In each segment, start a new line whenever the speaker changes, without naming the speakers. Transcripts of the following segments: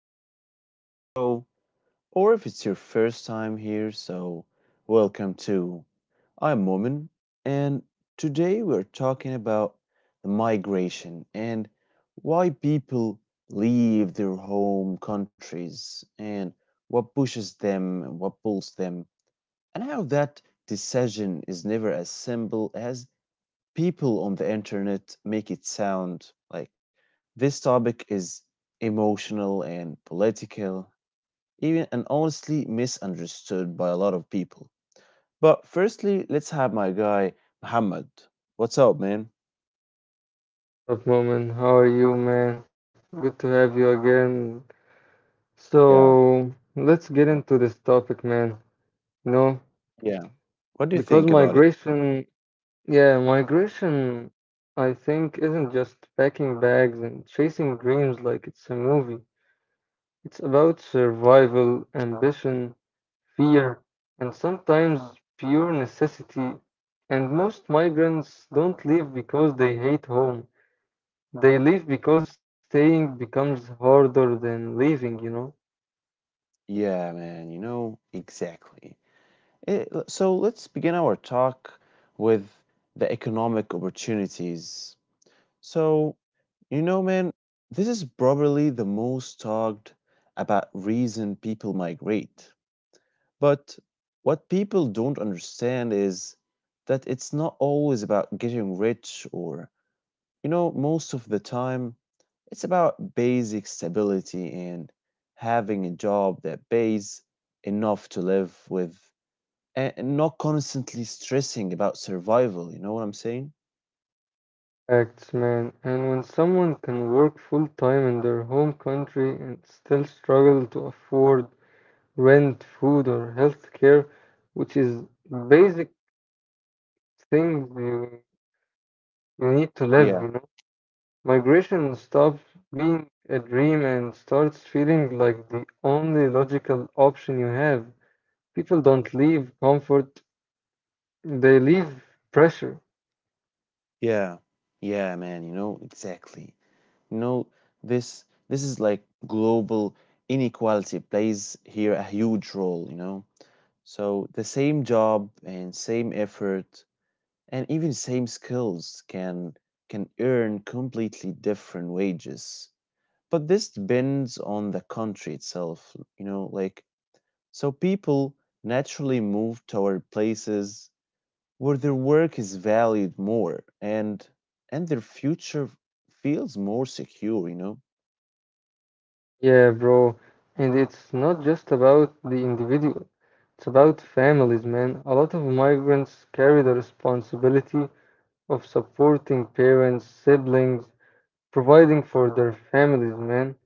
welcome back to the show. Or if it's your first time here, welcome too. I'm Momin, and today we're talking about the migration and why people leave their home countries and what pushes them and what pulls them, and how that decision is never as simple as people on the internet make it sound like this topic is emotional and political, even and honestly misunderstood by a lot of people. But firstly, let's have my guy Muhammad. What's up, man?
Up, Moment? How are you, man? Good to have you again.
Yeah,
So, let's get into this topic, man. You know,
yeah. What do you
because
think about it?
migration, yeah, migration, I think, isn't just packing bags and chasing dreams like it's a movie. It's about survival, ambition, fear, and sometimes pure necessity. And most migrants don't leave because they hate home. They leave because staying becomes harder than leaving, you know?
Yeah, man, exactly. So let's begin our talk with the economic opportunities. So, you know, man, this is probably the most talked about reason people migrate. But what people don't understand is that it's not always about getting rich, or most of the time, it's about basic stability and having a job that pays enough to live with and not constantly stressing about survival. You know what I'm saying?
Facts, man. And when someone can work full time in their home country and still struggle to afford rent, food, or health care, which is basic things you need to live,
Yeah.
you know? Migration stops being a dream and starts feeling like the only logical option you have. People don't leave comfort, they leave pressure.
Yeah. Yeah, man, you know, exactly. You know, this is like global inequality plays here a huge role, you know. So the same job and same effort and even same skills can earn completely different wages. But this depends on the country itself, you know, like so people naturally move toward places where their work is valued more and their future feels more secure, you know.
Yeah, bro. And it's not just about the individual, it's about families, man. A lot of migrants carry the responsibility of supporting parents, siblings, providing for their families, man.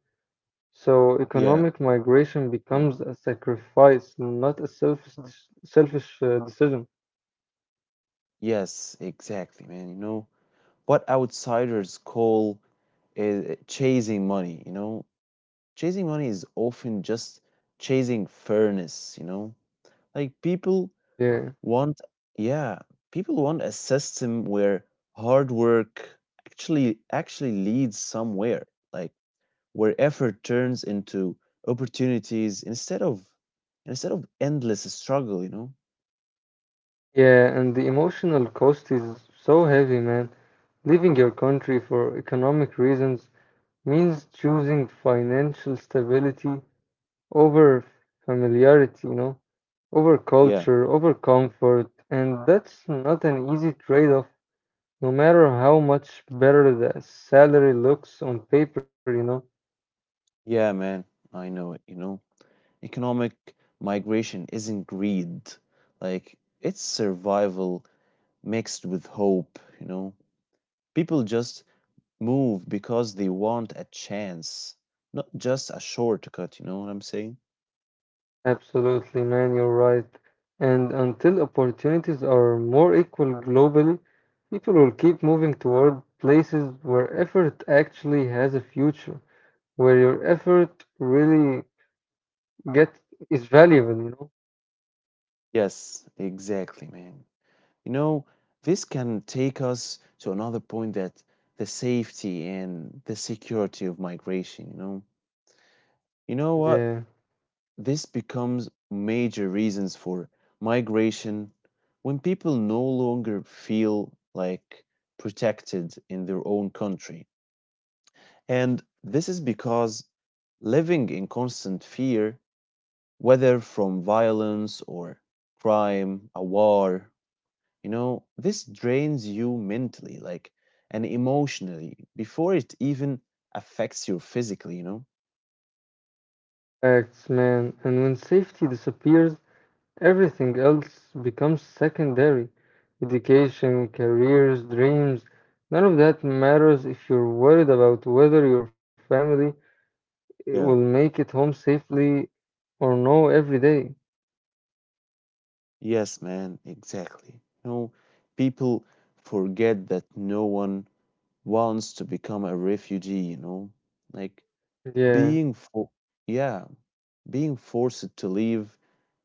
So economic migration becomes a sacrifice, not a selfish decision.
Yes, exactly, man. You know what outsiders call chasing money, you know? Chasing money is often just chasing fairness, you know? Like people
Yeah.
want, yeah, people want a system where hard work actually leads somewhere, like where effort turns into opportunities instead of endless struggle, you know?
Yeah, and the emotional cost is so heavy, man. Leaving your country for economic reasons means choosing financial stability over familiarity, you know, over
Yeah.
culture, over comfort, and that's not an easy trade off, no matter how much better the salary looks on paper, you know.
Yeah, man, I know it, you know. Economic migration isn't greed. Like, it's survival mixed with hope, you know. People just move because they want a chance, not just a shortcut, you know what I'm saying?
Absolutely, man, you're right. And until opportunities are more equal globally, people will keep moving toward places where effort actually has a future, where your effort really get is valuable, you know.
Yes, exactly, man. You know, this can take us to another point, that the safety and the security of migration, you know. You know what?
Yeah,
This becomes major reasons for migration when people no longer feel like protected in their own country. And this is because living in constant fear, whether from violence or crime, a war, you know, this drains you mentally, like, and emotionally before it even affects you physically, you know?
facts, man. And when safety disappears, everything else becomes secondary. Education, careers, dreams, none of that matters if you're worried about whether your family will
Yeah.
make it home safely or no every day.
Yes, man, exactly. No, people forget that no one wants to become a refugee, you know? Like
Yeah,
being for Yeah, being forced to leave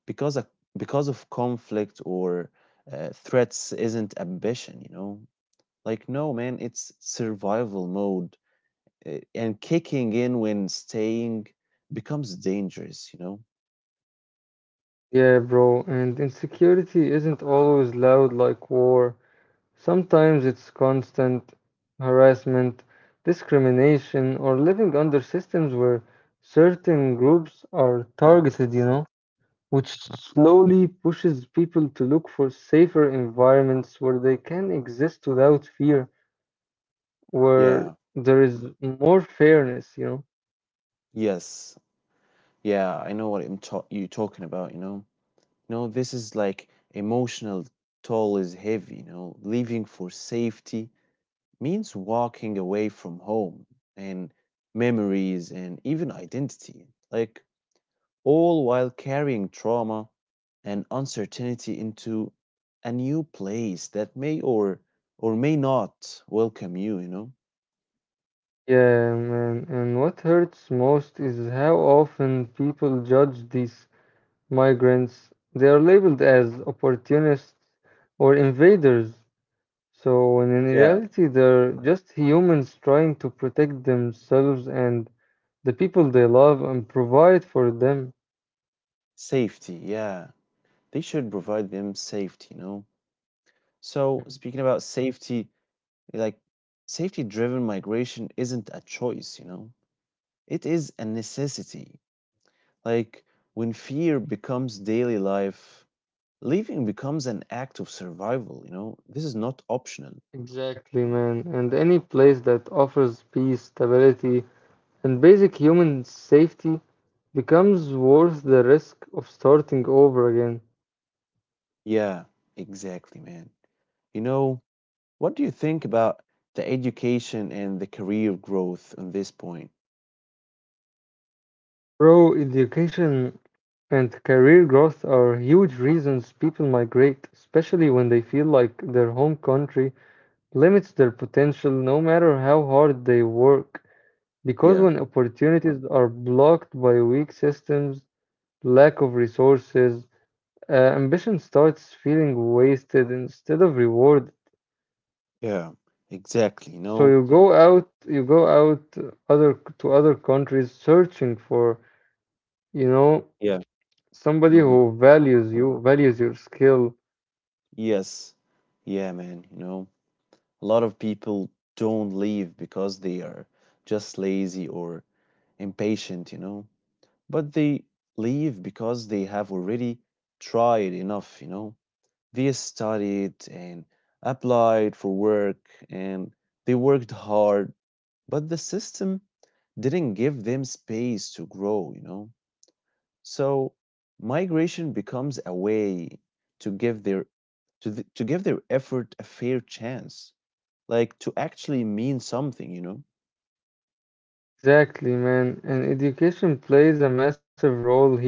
because of, because of conflict or threats isn't ambition, you know? Like no, man, it's survival mode and kicking in when staying becomes dangerous, you know?
yeah, bro. And insecurity isn't always loud like war. Sometimes it's constant harassment, discrimination, or living under systems where certain groups are targeted, you know, which slowly pushes people to look for safer environments where they can exist without fear, where
Yeah.
there is more fairness, you know.
Yes. Yeah, I know what you talking about, you know? This is like emotional toll is heavy, you know. Leaving for safety means walking away from home and memories and even identity, like all while carrying trauma and uncertainty into a new place that may or may not welcome you, you know.
Yeah, man. And what hurts most is how often people judge these migrants. They are labeled as opportunists or invaders, so, when in
Yeah.
reality, they're just humans trying to protect themselves and the people they love and provide for them.
Safety, yeah. They should provide them safety, you know. So,
Mhm.
speaking about safety, like, safety driven migration isn't a choice, you know, it is a necessity. Like, when fear becomes daily life, leaving becomes an act of survival, you know, this is not optional.
Exactly, man. And any place that offers peace, stability, and basic human safety becomes worth the risk of starting over again.
Yeah, exactly, man. You know, what do you think about the education and the career growth on this point?
Bro, education and career growth are huge reasons people migrate, especially when they feel like their home country limits their potential no matter how hard they work. Because
Yeah,
when opportunities are blocked by weak systems, lack of resources, uh, ambition starts feeling wasted instead of rewarded.
yeah, exactly, you
So
know,
you go out other to other countries searching for, you know,
yeah,
somebody
mm-hmm.
who values you, values your skill.
Yes, yeah, man, you know. A lot of people don't leave because they are just lazy or impatient, you know, but they leave because they have already tried enough, you know. They studied and applied for work and they worked hard, but the system didn't give them space to grow, you know. So migration becomes a way to give their to give their effort a fair chance, like to actually mean something, you know?
Exactly, man. And education plays a massive role here.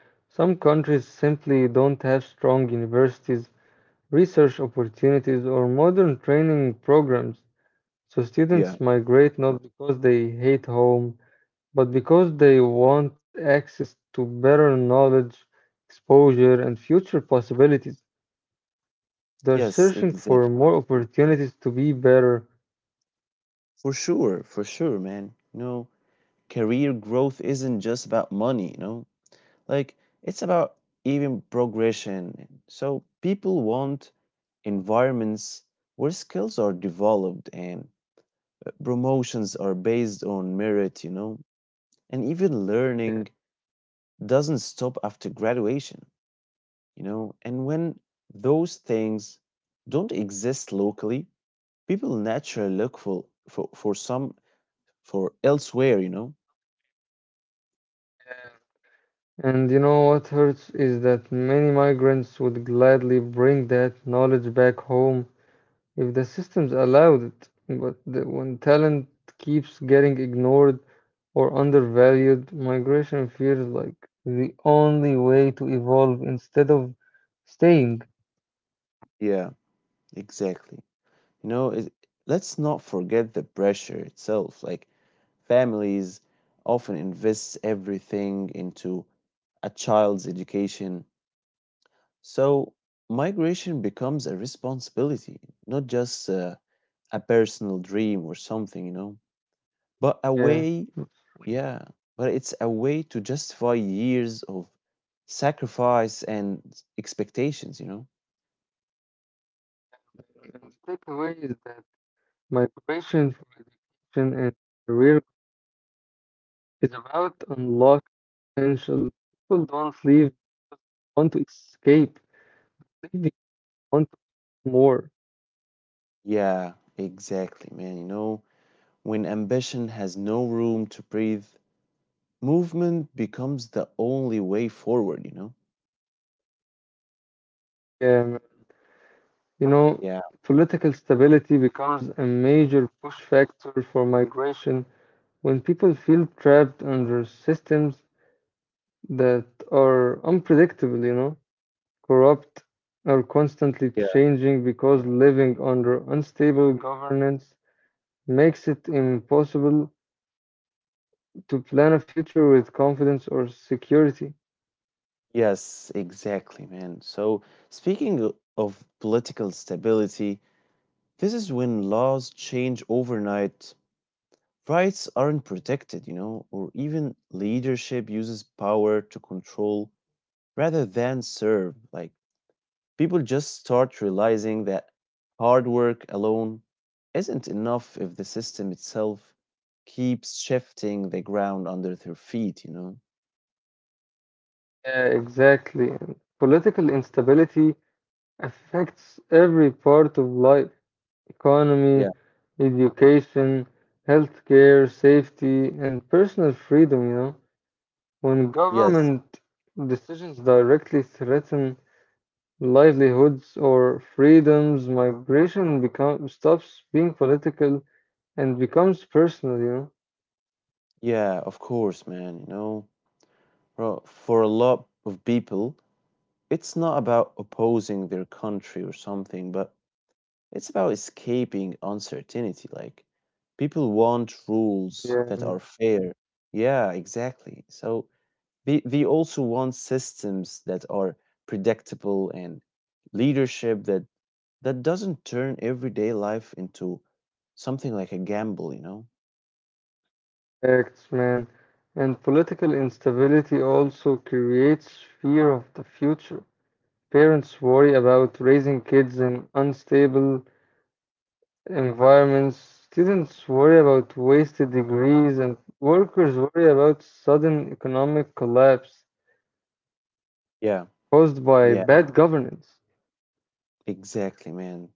Some countries simply don't have strong universities, research opportunities, or modern training programs. So
Yeah.
students migrate not because they hate home, but because they want access to better knowledge, exposure, and future possibilities. They're
Yes,
searching for
exactly.
more opportunities to be better.
For sure, man. You know, career growth isn't just about money, you know? Like, it's about even progression. So, people want environments where skills are developed and promotions are based on merit, you know? And even learning doesn't stop after graduation, you know? And when those things don't exist locally, people naturally look for elsewhere, you know?
And you know what hurts is that many migrants would gladly bring that knowledge back home if the systems allowed it. But when talent keeps getting ignored or undervalued, migration feels like the only way to evolve instead of staying.
Yeah, exactly. You know, it, let's not forget the pressure itself. Like families often invest everything into a child's education. So migration becomes a responsibility, not just a personal dream or something, you know? But a
Yeah.
way, yeah, but it's a way to justify years of sacrifice and expectations, you know?
And the takeaway is that migration for education and career is about unlocking potential. People don't leave, want to escape. They want more.
Yeah, exactly, man. You know, when ambition has no room to breathe, movement becomes the only way forward, you know?
Um, you know,
Yeah,
political stability becomes a major push factor for migration when people feel trapped under systems that are unpredictable, you know, corrupt or constantly
yeah.
changing because living under unstable governance makes it impossible to plan a future with confidence or security.
Yes, exactly, man. So, speaking of political stability, this is when laws change overnight, rights aren't protected, you know, or even leadership uses power to control rather than serve. Like, people just start realizing that hard work alone isn't enough if the system itself keeps shifting the ground under their feet, you know?
Yeah, exactly. And political instability affects every part of life economy,
Yeah.
education, healthcare, safety, and personal freedom, you know. When
Yes.
government decisions directly threaten livelihoods or freedoms, migration become, stops being political and becomes personal, you know.
Yeah, of course, man. You know, well, for a lot of people, it's not about opposing their country or something, but it's about escaping uncertainty. Like, people want rules that
Yeah,
are fair. Yeah, exactly. So they also want systems that are predictable and leadership that doesn't turn everyday life into something like a gamble, you know?
facts, man. And political instability also creates fear of the future. Parents worry about raising kids in unstable environments, students worry about wasted degrees, and workers worry about sudden economic collapse
Yeah,
caused by
yeah,
bad governance.
exactly, man.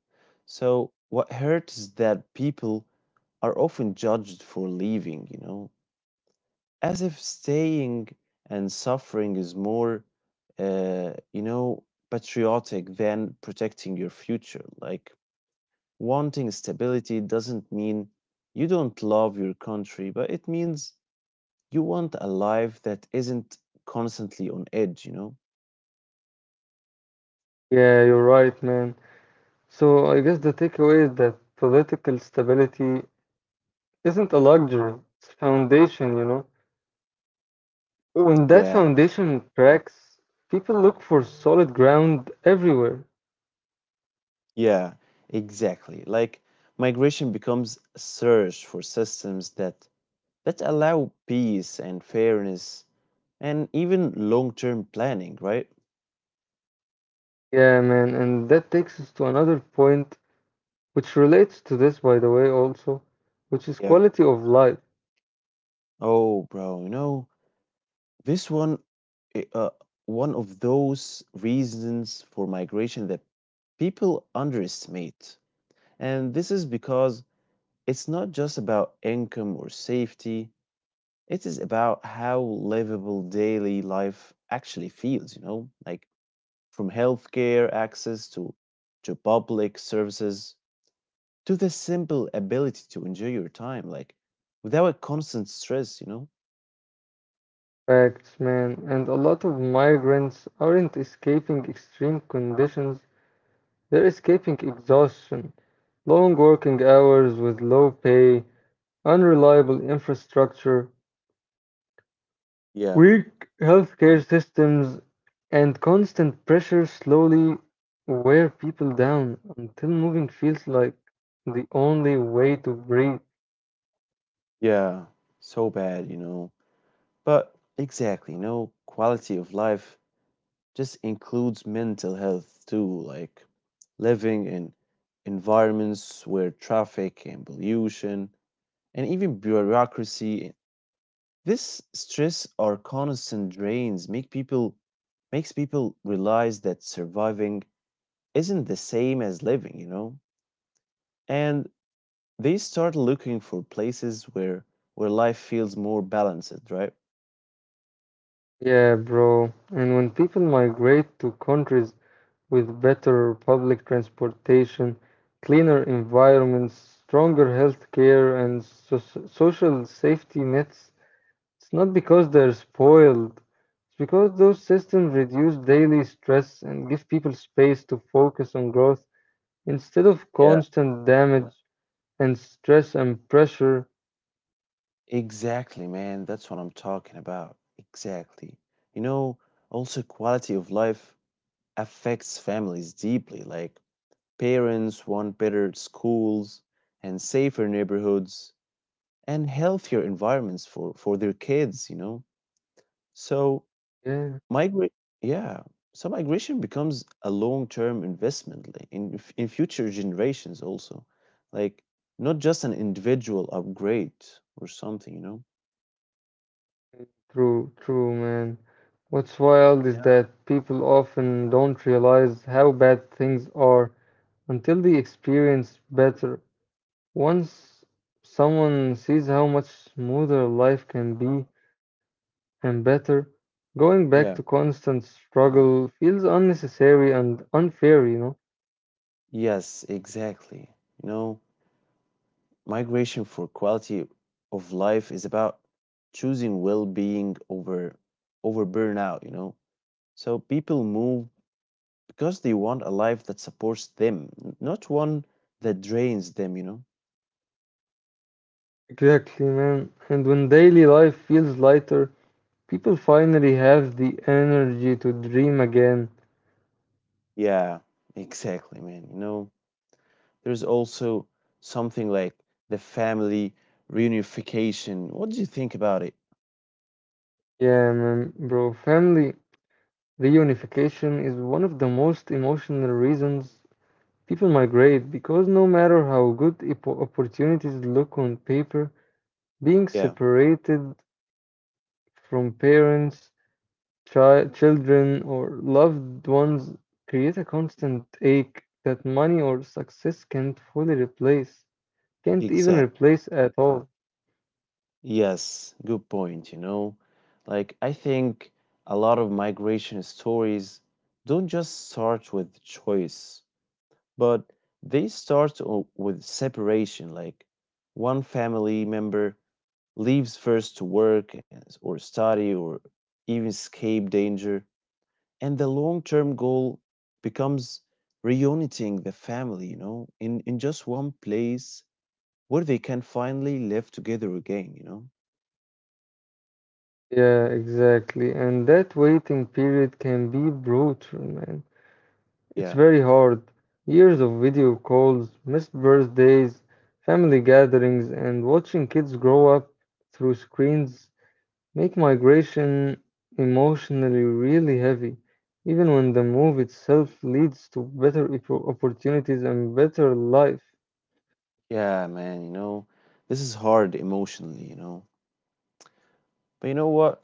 So what hurts is that people are often judged for leaving, you know, as if staying and suffering is more, uh, you know, patriotic than protecting your future. Like, wanting stability doesn't mean you don't love your country, but it means you want a life that isn't constantly on edge, you know?
Yeah, you're right, man. So I guess the takeaway is that political stability isn't a luxury, it's a foundation, you know. When that
Yeah,
foundation cracks, people look for solid ground everywhere.
yeah, exactly. Like, migration becomes a search for systems that allow peace and fairness and even long-term planning, right?
Yeah, man, and that takes us to another point which relates to this, by the way, also, which is
Yeah.
quality of life.
Oh, bro, you know, this one, i- uh, one of those reasons for migration that people underestimate. And this is because it's not just about income or safety, it is about how livable daily life actually feels, you know, like from healthcare access to public services to the simple ability to enjoy your time, like without a constant stress, you know?
Facts, man. And a lot of migrants aren't escaping extreme conditions, they're escaping exhaustion, long working hours with low pay, unreliable infrastructure,
Yeah.
weak healthcare systems, and constant pressure slowly wear people down until moving feels like the only way to breathe.
Yeah, so bad, you know. But exactly, you know, quality of life just includes mental health too, like living in environments where traffic and pollution and even bureaucracy, this stress or constant drains makes people realize that surviving isn't the same as living, you know? And they start looking for places where life feels more balanced, right?
Yeah, bro. And when people migrate to countries with better public transportation, cleaner environments, stronger healthcare, and social safety nets, it's not because they're spoiled. It's because those systems reduce daily stress and give people space to focus on growth instead of constant damage and stress and pressure.
Exactly, man. That's what I'm talking about. Exactly. You know, also quality of life affects families deeply. Like parents want better schools and safer neighborhoods and healthier environments for their kids, you know. So
Yeah.
migra Yeah, so migration becomes a long-term investment, like, in in future generations also. Like not just an individual upgrade or something, you know.
True, man. What's wild is that people often don't realize how bad things are until they experience better. Once someone sees how much smoother life can be and better, going back to
Yeah.
constant struggle feels unnecessary and unfair, you know?
Yes, exactly. You know, migration for quality of life is about choosing well-being over burnout, you know. So people move because they want a life that supports them, not one that drains them, you know.
Exactly, man. And when daily life feels lighter, people finally have the energy to dream again.
Yeah, exactly, man. You know, there's also something like the family reunification. What do you think about it?
Yeah, man, bro, family. Reunification is one of the most emotional reasons people migrate because no matter how good opportunities look on paper, being
Yeah,
separated from parents, children, or loved ones create a constant ache that money or success can't fully replace, can't even
exactly.
replace at all.
Yes, good point, you know. Like, I think a lot of migration stories don't just start with choice, but they start with separation. Like, one family member leaves first to work or study or even escape danger, and the long-term goal becomes reuniting the family, you know, in just one place where they can finally live together again, you know?
Yeah, exactly. And that waiting period can be brutal, man. It's
Yeah.
very hard. Years of video calls, missed birthdays, family gatherings, and watching kids grow up through screens make migration emotionally really heavy, even when the move itself leads to better opportunities and better life.
Yeah, man, you know, this is hard emotionally, you know. But you know what?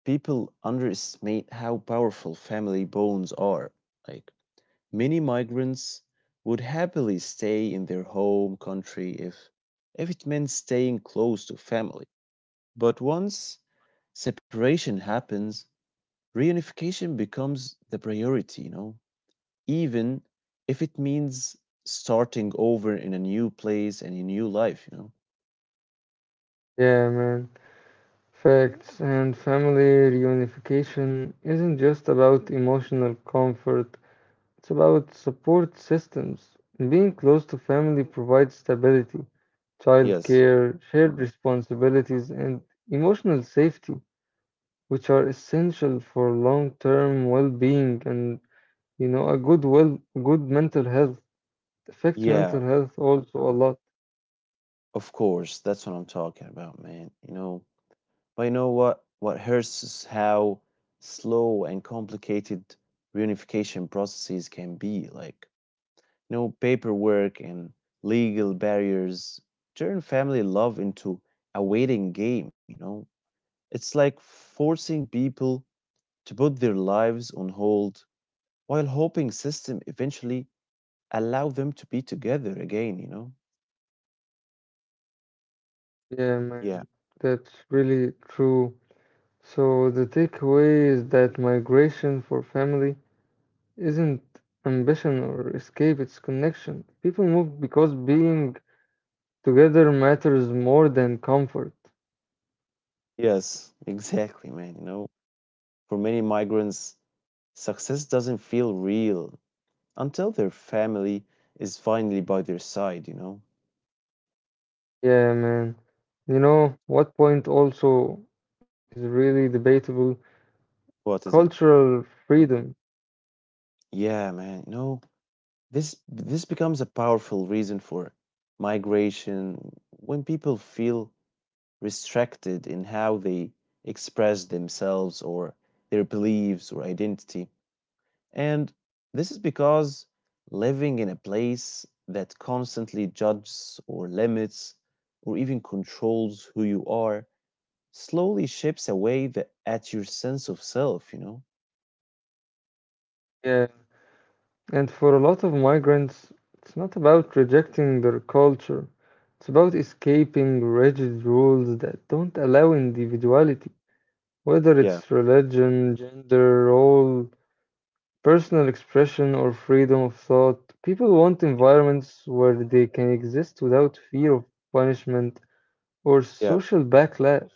People underestimate how powerful family bonds are. Like, many migrants would happily stay in their home country if it meant staying close to family. But once separation happens, reunification becomes the priority, you know, even if it means starting over in a new place and a new life, you know.
Yeah, man. Facts and family reunification isn't just about emotional comfort. It's about support systems. Being close to family provides stability,
Yes.
childcare, shared responsibilities, and emotional safety, which are essential for long-term well-being and you know a good well good mental health. It affects
Yeah,
mental health also a lot.
of course, that's what I'm talking about, man. You know, but you know what? What hurts is how slow and complicated reunification processes can be. Like, you know, paperwork and legal barriers turn family love into a waiting game, you know? It's like forcing people to put their lives on hold while hoping system eventually allow them to be together again, you know?
Yeah,
Yeah.
man, that's really true. So the takeaway is that migration for family isn't ambition or escape, it's connection. People move because being together matters more than comfort.
Yes, exactly, man. You know, for many migrants, success doesn't feel real until their family is finally by their side, you know?
Yeah, man. You know, what point also is really debatable?
What is it?
Cultural freedom.
Yeah, man, you know, this becomes a powerful reason for migration when people feel restricted in how they express themselves or their beliefs or identity. And this is because living in a place that constantly judges or limits or even controls who you are slowly shapes away at your sense of self, you know?
Yeah. And for a lot of migrants, it's not about rejecting their culture. It's about escaping rigid rules that don't allow individuality, whether it's
Yeah,
religion, gender, role, personal expression or freedom of thought. People want environments where they can exist without fear of punishment or
yeah,
social backlash.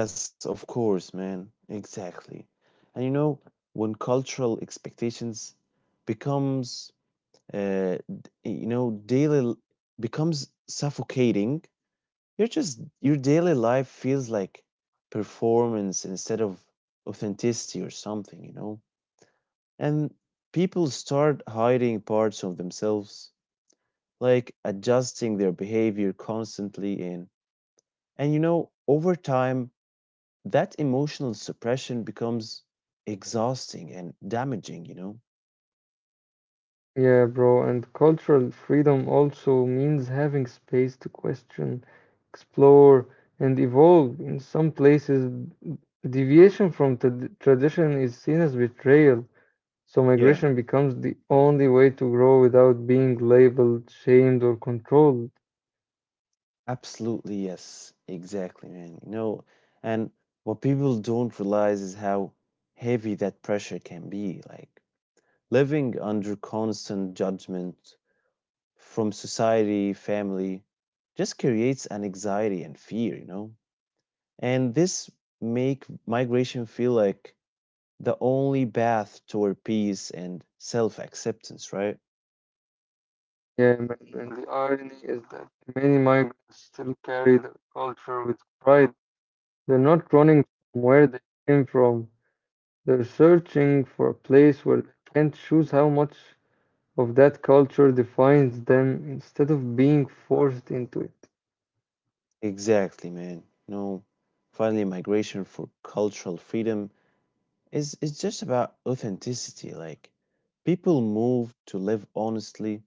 yes, of course, man. Exactly. And you know, when cultural expectations becomes daily becomes suffocating. You're just, your daily life feels like performance instead of authenticity or something, you know? And people start hiding parts of themselves, like adjusting their behavior constantly, and over time that emotional suppression becomes exhausting and damaging, you know?
Yeah, bro, and cultural freedom also means having space to question, explore, and evolve. In some places, deviation from tradition is seen as betrayal, so migration
Yeah.
becomes the only way to grow without being labeled, shamed, or controlled.
Absolutely, yes. Exactly, man. You know, and what people don't realize is how heavy that pressure can be. Like living under constant judgment from society, family, just creates an anxiety and fear, you know? And this make migration feel like the only path toward peace and self-acceptance, right?
Yeah, man, and the irony is that many migrants still carry their culture with pride. They're not running from where they came from. They're searching for a place where they can choose how much of that culture defines them instead of being forced into it.
Exactly, man. No, finally, migration for cultural freedom is, it's just about authenticity. Like people move to live honestly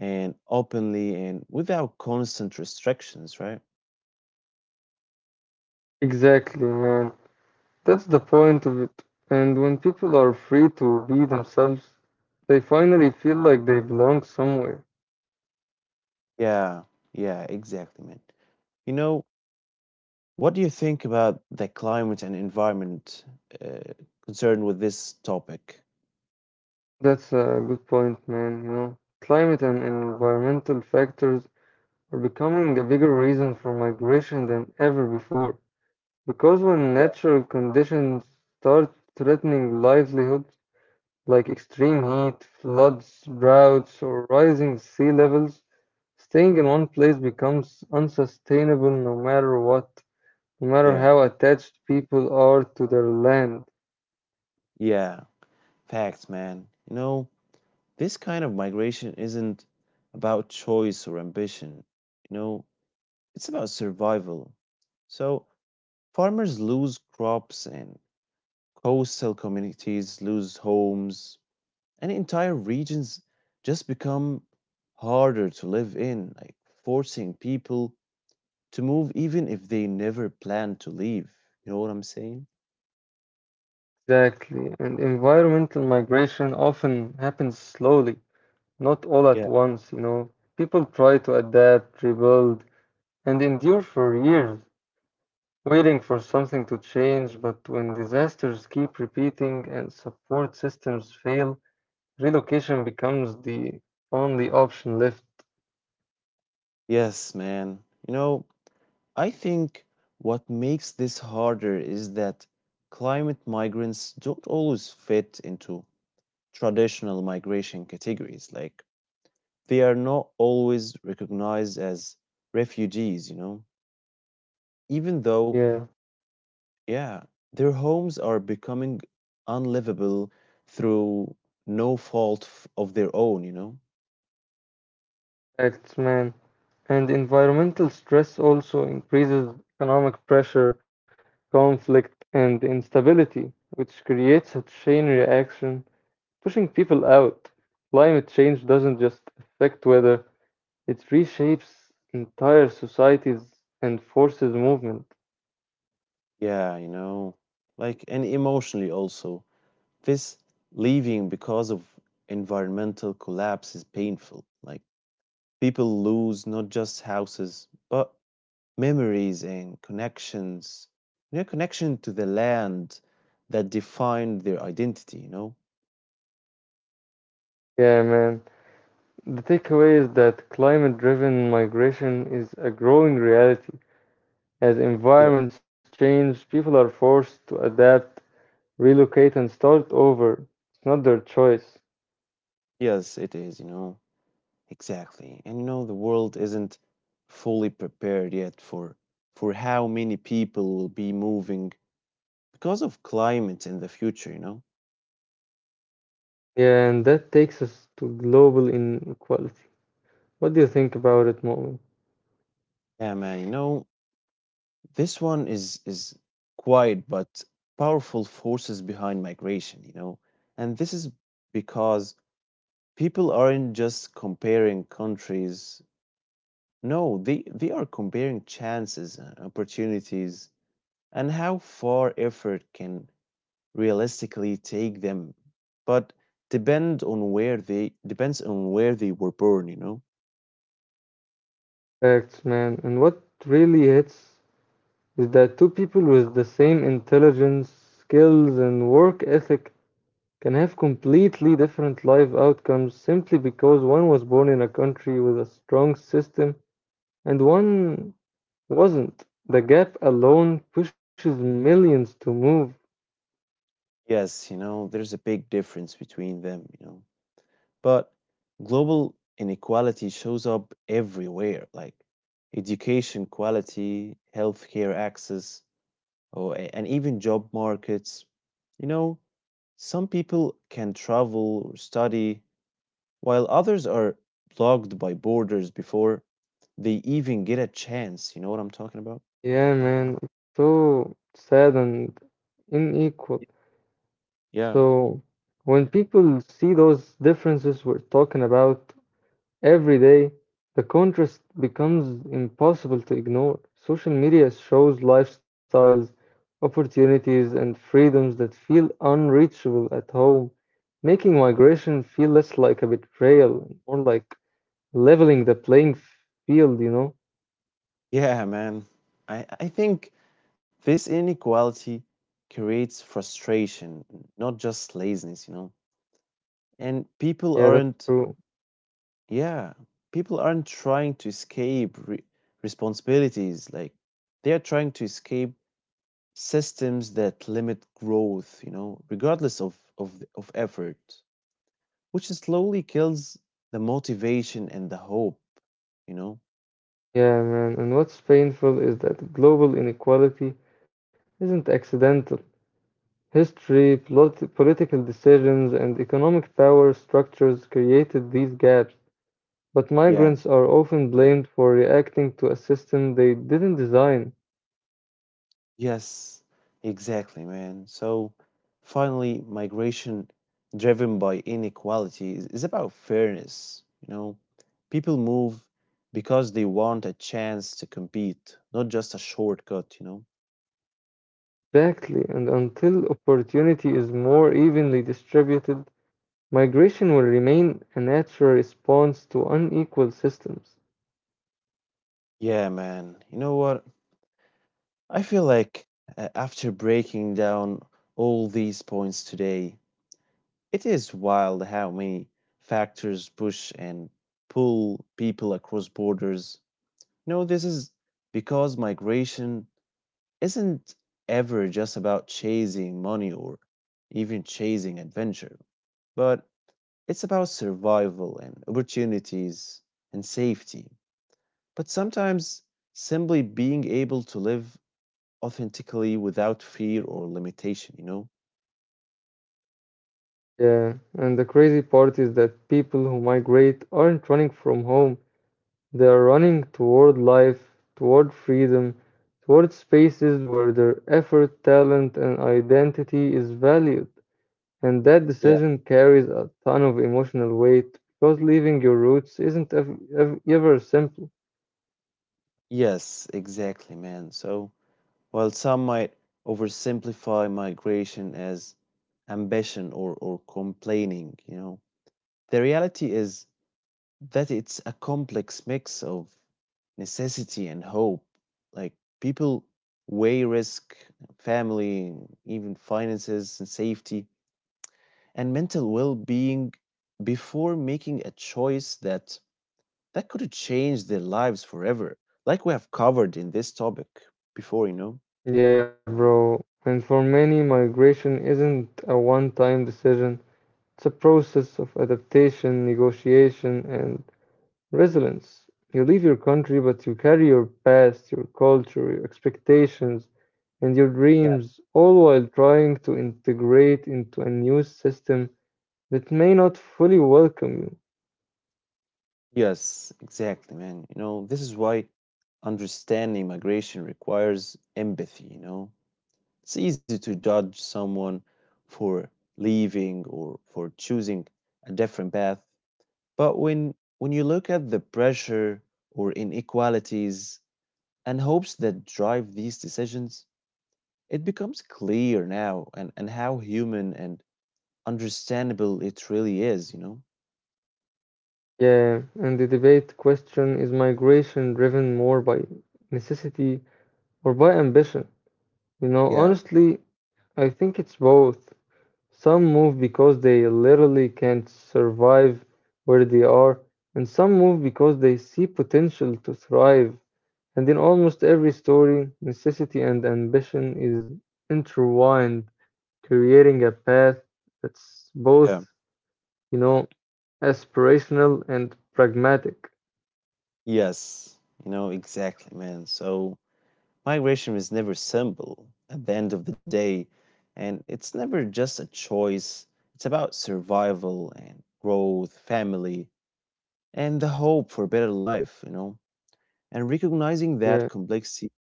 and openly and without constant restrictions, right?
Exactly, man. That's the point of it. And when people are free to be themselves, they finally feel like they belong somewhere.
Yeah, yeah, exactly, man. You know, what do you think about the climate and environment uh, concerned with this topic?
That's a good point, man. You know, climate and environmental factors are becoming a bigger reason for migration than ever before. Because when
Yeah.
natural conditions start threatening livelihoods, like extreme heat, floods, droughts, or rising sea levels, staying in one place becomes unsustainable no matter what, no matter
Yeah,
how attached people are to their land.
yeah, facts, man. You know, this kind of migration isn't about choice or ambition. You know, it's about survival. So farmers lose crops and coastal communities lose homes, and entire regions just become harder to live in, like forcing people to move even if they never plan to leave. You know what I'm saying?
Exactly, and environmental migration often happens slowly not all at
Yeah.
once, you know. People try to adapt, rebuild, and endure for years, waiting for something to change. But when disasters keep repeating and support systems fail, relocation becomes the only option left.
Yes, man. You know, I think what makes this harder is that climate migrants don't always fit into traditional migration categories. Like, they are not always recognized as refugees, you know, even though,
Yeah,
yeah, their homes are becoming unlivable through no fault of their own, you know?
facts, man. And environmental stress also increases economic pressure, conflict, and instability, which creates a chain reaction pushing people out. Climate change doesn't just affect weather, it reshapes entire societies and forces movement.
Yeah, you know, like, and emotionally also. This leaving because of environmental collapse is painful. Like, people lose not just houses, but memories and connections, you know, connection to the land that defined their identity, you know?
Yeah, man. The takeaway is that climate driven migration is a growing reality. As
Yeah.
environments change, people are forced to adapt, relocate, and start over. It's not their choice.
Yes, it is, you know. Exactly. And you know, the world isn't fully prepared yet for how many people will be moving because of climate in the future, you know?
Yeah, and that takes us to global inequality. What do you think about it, Moment?
Yeah, man, you know, this one is, quiet but powerful forces behind migration, you know? And this is because people aren't just comparing countries. No, they are comparing chances and opportunities and how far effort can realistically take them, but depends on where they were born, you know.
Facts, man. And what really hits is that two people with the same intelligence, skills, and work ethic can have completely different life outcomes simply because one was born in a country with a strong system and one wasn't. The gap alone pushes millions to move.
Yes, you know, there's a big difference between them, you know. But global inequality shows up everywhere, like education quality, healthcare access, or and even job markets. You know, some people can travel or study while others are blocked by borders before they even get a chance. You know what I'm talking about?
Yeah, man, it's so sad and unequal.
Yeah.
So, when people see those differences we're talking about, every day, the contrast becomes impossible to ignore. Social media shows lifestyles, opportunities, and freedoms that feel unreachable at home, making migration feel less like a betrayal, more like leveling the playing field, you know?
Yeah, man. I think this inequality creates frustration, not just laziness, you know? And people
Yeah, that's
aren't,
true.
yeah, people aren't trying to escape responsibilities. Like, they are trying to escape systems that limit growth, you know, regardless of effort. Which slowly kills the motivation and the hope, you know?
Yeah, man. And what's painful is that global inequality isn't accidental. History, plot political decisions, and economic power structures created these gaps but
Yeah.
migrants are often blamed for reacting to a system they didn't design.
Yes, exactly, man. So finally, migration driven by inequality is about fairness. You know, people move because they want a chance to compete, not just a shortcut, you know?
Exactly, and until opportunity is more evenly distributed, migration will remain a natural response to unequal systems.
Yeah, man. You know what? I feel like after breaking down all these points today, it is wild how many factors push and pull people across borders. No, this is because migration isn't ever just about chasing money or even chasing adventure, but it's about survival and opportunities and safety. But sometimes simply being able to live authentically without fear or limitation, you know?
Yeah, and the crazy part is that people who migrate aren't running from home, they are running toward life, toward freedom, toward spaces where their effort, talent, and identity is valued. And that
Yeah.
decision carries a ton of emotional weight because leaving your roots isn't ever simple.
Yes, exactly, man. So, while some might oversimplify migration as ambition or complaining, you know. The reality is that it's a complex mix of necessity and hope. Like people weigh risk, family, even finances and safety and mental well-being before making a choice that could change their lives forever. Like we have covered in this topic before, you know.
Yeah, bro. And for many, migration isn't a one-time decision. It's a process of adaptation, negotiation, and resilience. You leave your country, but you carry your past, your culture, your expectations, and your dreams, all while trying to integrate into a new system that may not fully welcome you.
Yes, exactly, man. You know, this is why understanding migration requires empathy, you know. It's easy to judge someone for leaving or for choosing a different path, but when you look at the pressure or inequalities and hopes that drive these decisions, it becomes clear now and how human and understandable it really is, you know?
Yeah, and the debate question is migration driven more by necessity or by ambition? You know,
Yeah,
honestly, I think it's both. Some move because they literally can't survive where they are, and some move because they see potential to thrive. And in almost every story, necessity and ambition is intertwined, creating a path that's both,
yeah.
you know, aspirational and pragmatic.
Yes, you know, exactly, man. So migration is never simple at the end of the day, and it's never just a choice. It's about survival and growth, family, and the hope for a better life, you know. And recognizing
Yeah.
that complexity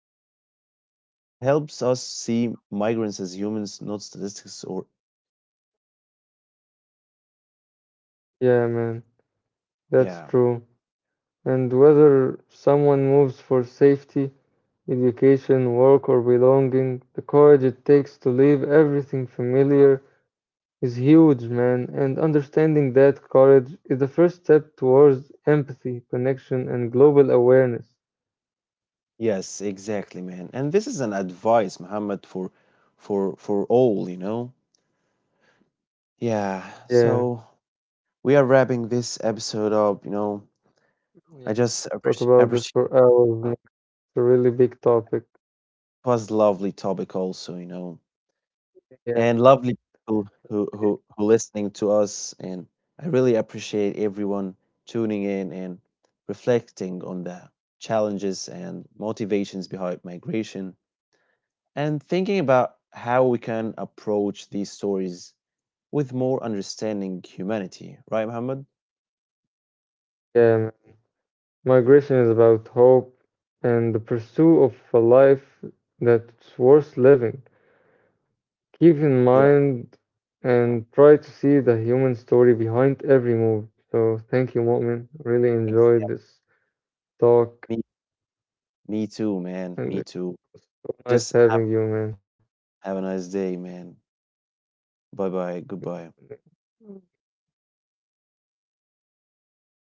helps us see migrants as humans, not statistics or,
Yeah, man, that's
yeah.
true. And whether someone moves for safety, education, work, or belonging, the courage it takes to leave everything familiar is huge, man. And understanding that courage is the first step towards empathy, connection, and global awareness.
Yes, exactly, man. And this is an advice, Muhammad, for all, you know. Yeah.
Yeah,
So we are wrapping this episode up, you know.
yeah.
I just
Talk about this
appreciate,
for hours, man. It's a really big topic.
was lovely topic also, you know,
Yeah,
and
man.
lovely people who listening to us, and I really appreciate everyone tuning in and reflecting on the challenges and motivations behind migration and thinking about how we can approach these stories with more understanding humanity, right, Muhammad?
Yeah, man. Migration is about hope and the pursuit of a life that's worth living. Keep in
Yeah,
mind and try to see the human story behind every move. So thank you, Mu'min. Really enjoyed
exactly.
this talk
Me, me too, man.
and
Me
it
too.
was so nice
Just have,
having you, man.
have a nice day, man. Bye bye. Goodbye.